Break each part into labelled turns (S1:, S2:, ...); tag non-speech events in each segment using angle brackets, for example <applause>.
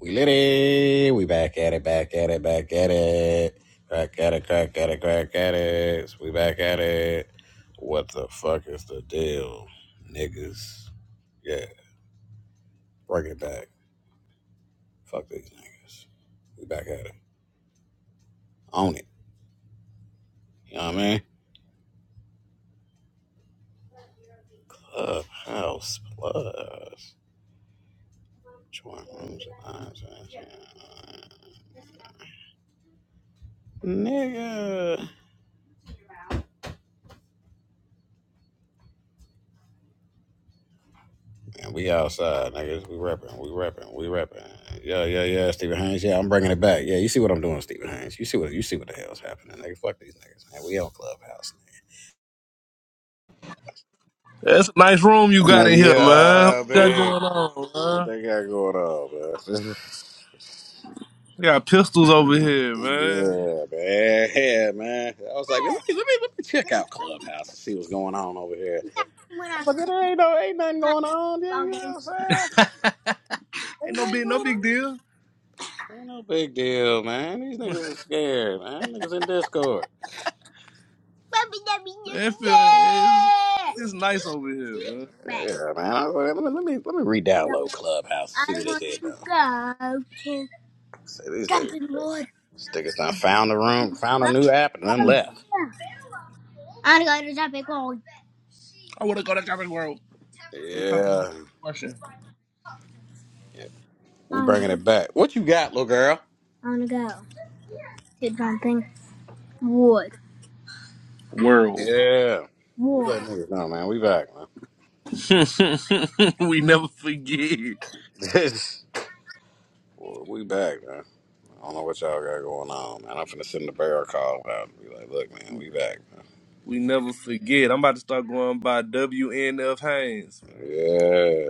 S1: We lit it. We back at it, back at it, back at it. Crack at it, crack at it, crack at it. We back at it. What the fuck is the deal, niggas? Yeah, break it back. Fuck these niggas. We back at it. Own it. You know what I mean? Clubhouse Plus. Join rooms and lines Nigga. And we outside, niggas. We repping. We repping. We repping. Yeah, yeah, yeah. Stephen Haynes. Yeah, I'm bringing it back. Yeah, you see what I'm doing, Stephen Haynes. You see what you see what the hell's happening, nigga. Fuck these niggas, man. We on Clubhouse,
S2: That's a nice room you
S1: nigga.
S2: got
S1: Man,
S2: in here, man. What
S1: yeah,
S2: you got
S1: man.
S2: going on,
S1: What
S2: man?
S1: they got going on, man? <laughs>
S2: We got pistols over here, man.
S1: yeah, man. Yeah, man. I was like, let me let me let me check out Clubhouse and see what's going on over here. I But there ain't no ain't nothing going on. Yeah, you know what I'm saying?
S2: Ain't
S1: Ain't
S2: no
S1: nothing
S2: big, no
S1: going on.
S2: big deal.
S1: Ain't no big deal, man. These niggas are scared, man. Niggas in Discord.
S2: It feel- it's, it's nice over here,
S1: Yeah,
S2: man.
S1: man. I was like, let me let me let me re-download Clubhouse and see what it did though. See these niggas, these niggas done found a room, found a new app, and then left. Yeah,
S2: Shit.
S1: yeah. We bringing it back. What you got, little girl? Yeah, we
S2: World.
S1: let niggas know, man. We back,
S2: <laughs> we never forget.
S1: man. <laughs> Well, we back, man. I don't know what y'all got going on, man. I'm finna send the bear a call out and be like, look, man, we back, man.
S2: We never forget. I'm about to start going by WNF Haynes, man.
S1: Yeah,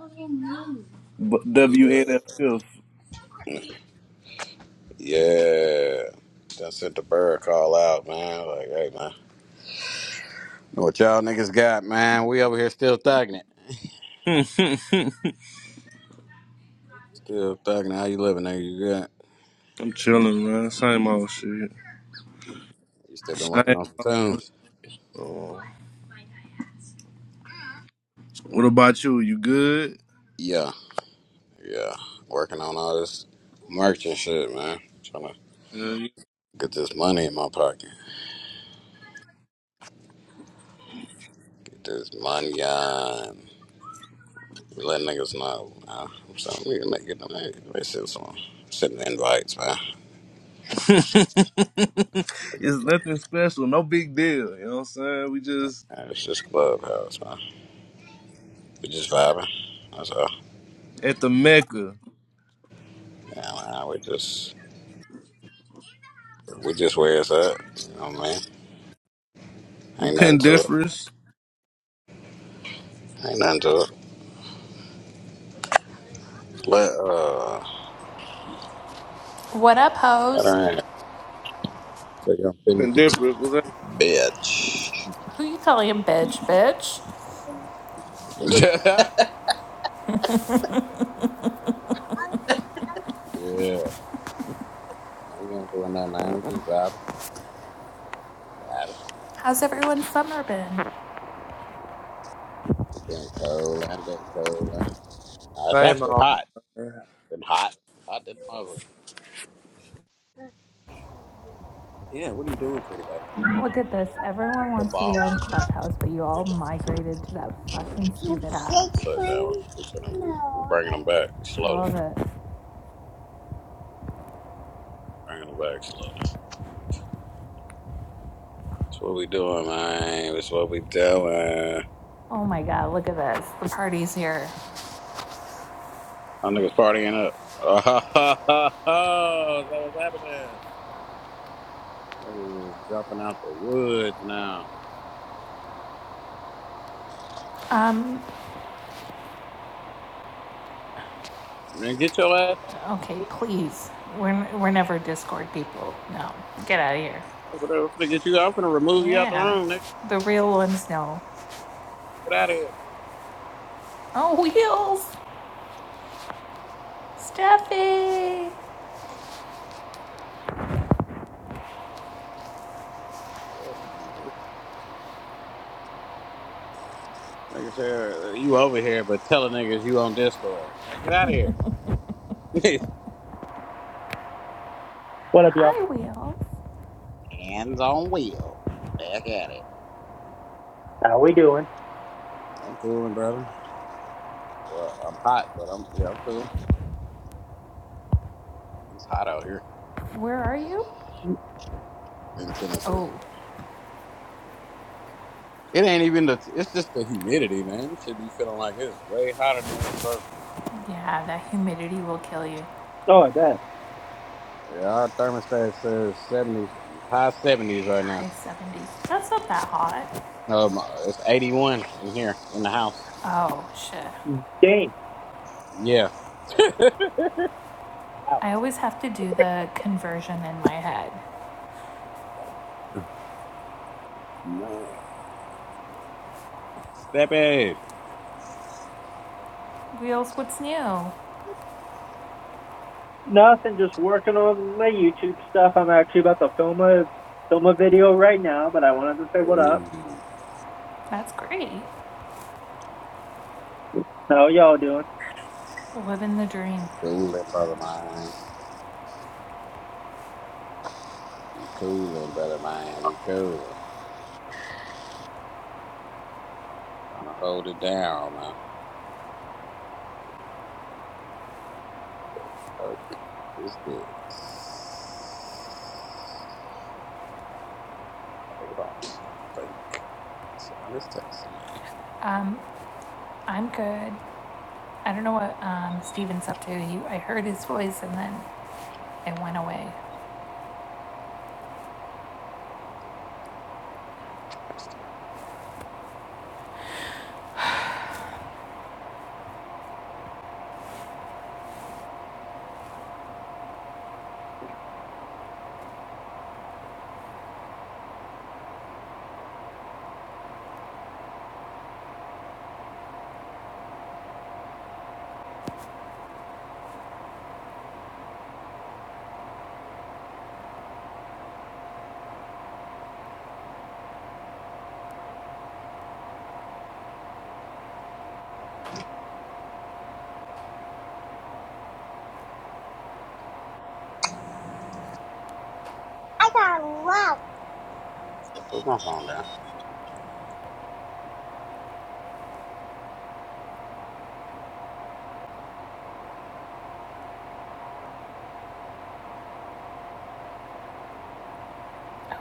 S2: What do you mean? But WNF.
S1: yeah. Done sent the bear a call out, man. Like, hey, man. Know what y'all niggas got, man? We over here still thugging it.
S2: <laughs>
S1: Still thugging it. How you living, nigga? You good?
S2: I'm chilling, man. Same old shit.
S1: You still been
S2: Same
S1: working on some
S2: old.
S1: tunes?
S2: Oh. What about you? You good?
S1: Yeah, yeah. Working on all this merch and shit, man. Trying to
S2: Hell yeah.
S1: get this money in my pocket. Get this money on. We let niggas know. Man. I'm saying we can make it. Man. They send some, send the invites, man.
S2: <laughs> it's
S1: Man,
S2: nothing special. No big deal. You know what I'm saying? We just
S1: It's just clubhouse, man. We just vibing. That's all.
S2: at the Mecca.
S1: Yeah, man. We just, we just where it's at. You know what I mean? Ain't nothing to it.
S2: Pendiferous.
S1: Ain't nothing to it. Let uh,
S3: What up,
S1: let
S3: hoes?
S1: her ass take her this
S2: Pendiferous. What's that?
S1: bitch.
S3: Who you calling bitch, bitch?
S1: <laughs> yeah, now we ain't doing nothing. Now. We just vibing, vibing.
S3: How's everyone's summer been?
S1: It's been cold and been cold. Uh, it's
S2: Same
S1: actually
S2: old.
S1: hot.
S2: man?
S1: Been hot, hot than a mother. Yeah, what are you doing, pretty baby?
S3: Look at this. Everyone
S1: The
S3: wants to be
S1: ball.
S3: on Clubhouse, but you all
S1: Look,
S3: migrated to that fucking
S1: now
S3: stupid app.
S1: we're fixing 'em. We're bringing them back
S3: I
S1: slowly.
S3: love it.
S1: Bringing them back slowly. That's what we doing, man. That's what we doing.
S3: Oh my god, look at this. The party's here.
S1: My niggas partying up. <laughs> Oh, that was happening. Niggas is jumping out the woods now. Man, get your ass out of here,
S3: Okay,
S1: boy.
S3: please. We're, we're never Discord people. No. Get out of here.
S1: I'm gonna, I'm finna get you. I'm gonna remove you out the
S3: Yeah.
S1: room, nigga.
S3: The real ones know.
S1: Get out of here.
S3: Oh, Wheels! Steffi!
S1: Yeah, man. Niggas, niggas here, uh, you over here, but telling niggas you on Discord. Hey, Get out of here.
S4: What up, y'all?
S3: Hi, Wheels.
S1: Hands on wheel. Back at it.
S4: How we doing?
S1: I'm cooling, brother. Well, I'm hot, but I'm yeah, I'm cool. It's hot out here
S3: Where are you?
S1: in Tennessee.
S3: Oh,
S1: It ain't even the. It's just the humidity, man. It should be feeling like it's way hotter than what it's supposed to be.
S3: yeah, that humidity will kill you.
S4: Oh, I bet.
S1: Yeah, our thermostat says seventies, high seventies right now.
S3: High 70s. That's not that hot.
S1: Um, it's eighty one in here in the house.
S3: Oh, shit.
S4: Dang,
S1: Yeah, house
S3: I always have to do the conversion in my head.
S1: man. Step in.
S3: Wheels, what's new?
S4: nothing. Just working on my YouTube stuff. I'm actually about to film a film a video right now, but I wanted to say what up.
S1: Ooh,
S3: That's great.
S4: How y'all doing?
S3: Living the dream.
S1: cooling, brother mine. We cooling, brother mine. We cooling. Trying to hold it down now. Fuck is this? Hold on. I think somebody's texting me.
S3: Um, I'm good. I don't know what um, Steven's up to. He, I heard his voice and then it went away.
S1: I got love. Just put my phone down.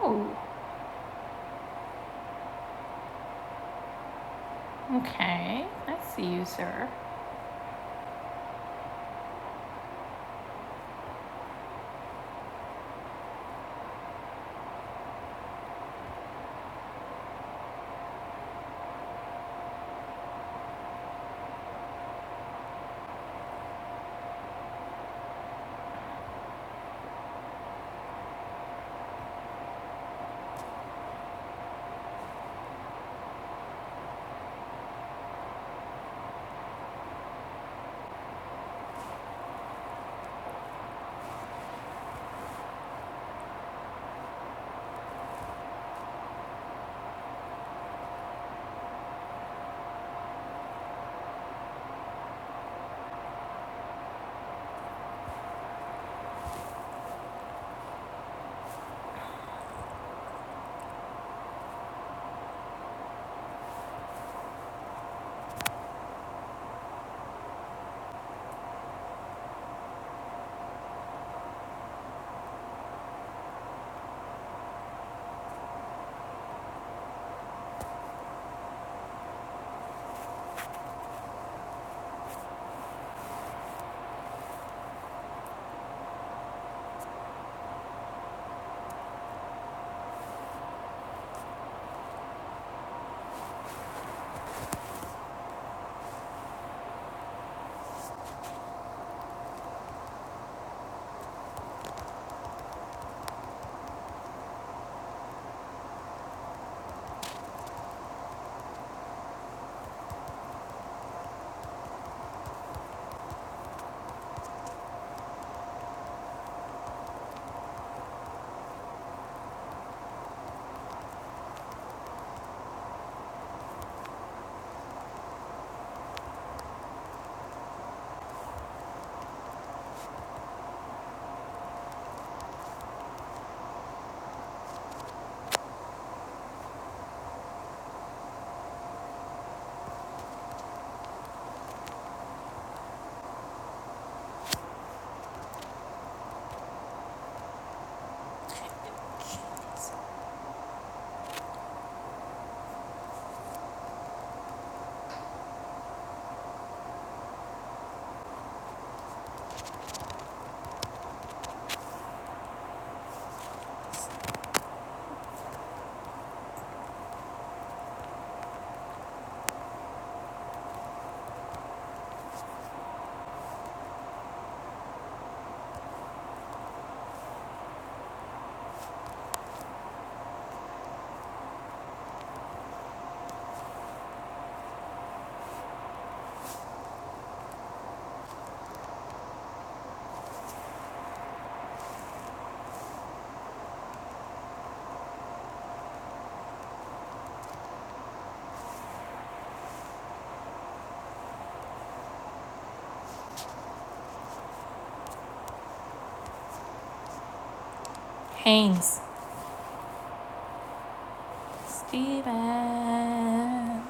S3: Oh, okay. I see you, sir. Haynes. Steven.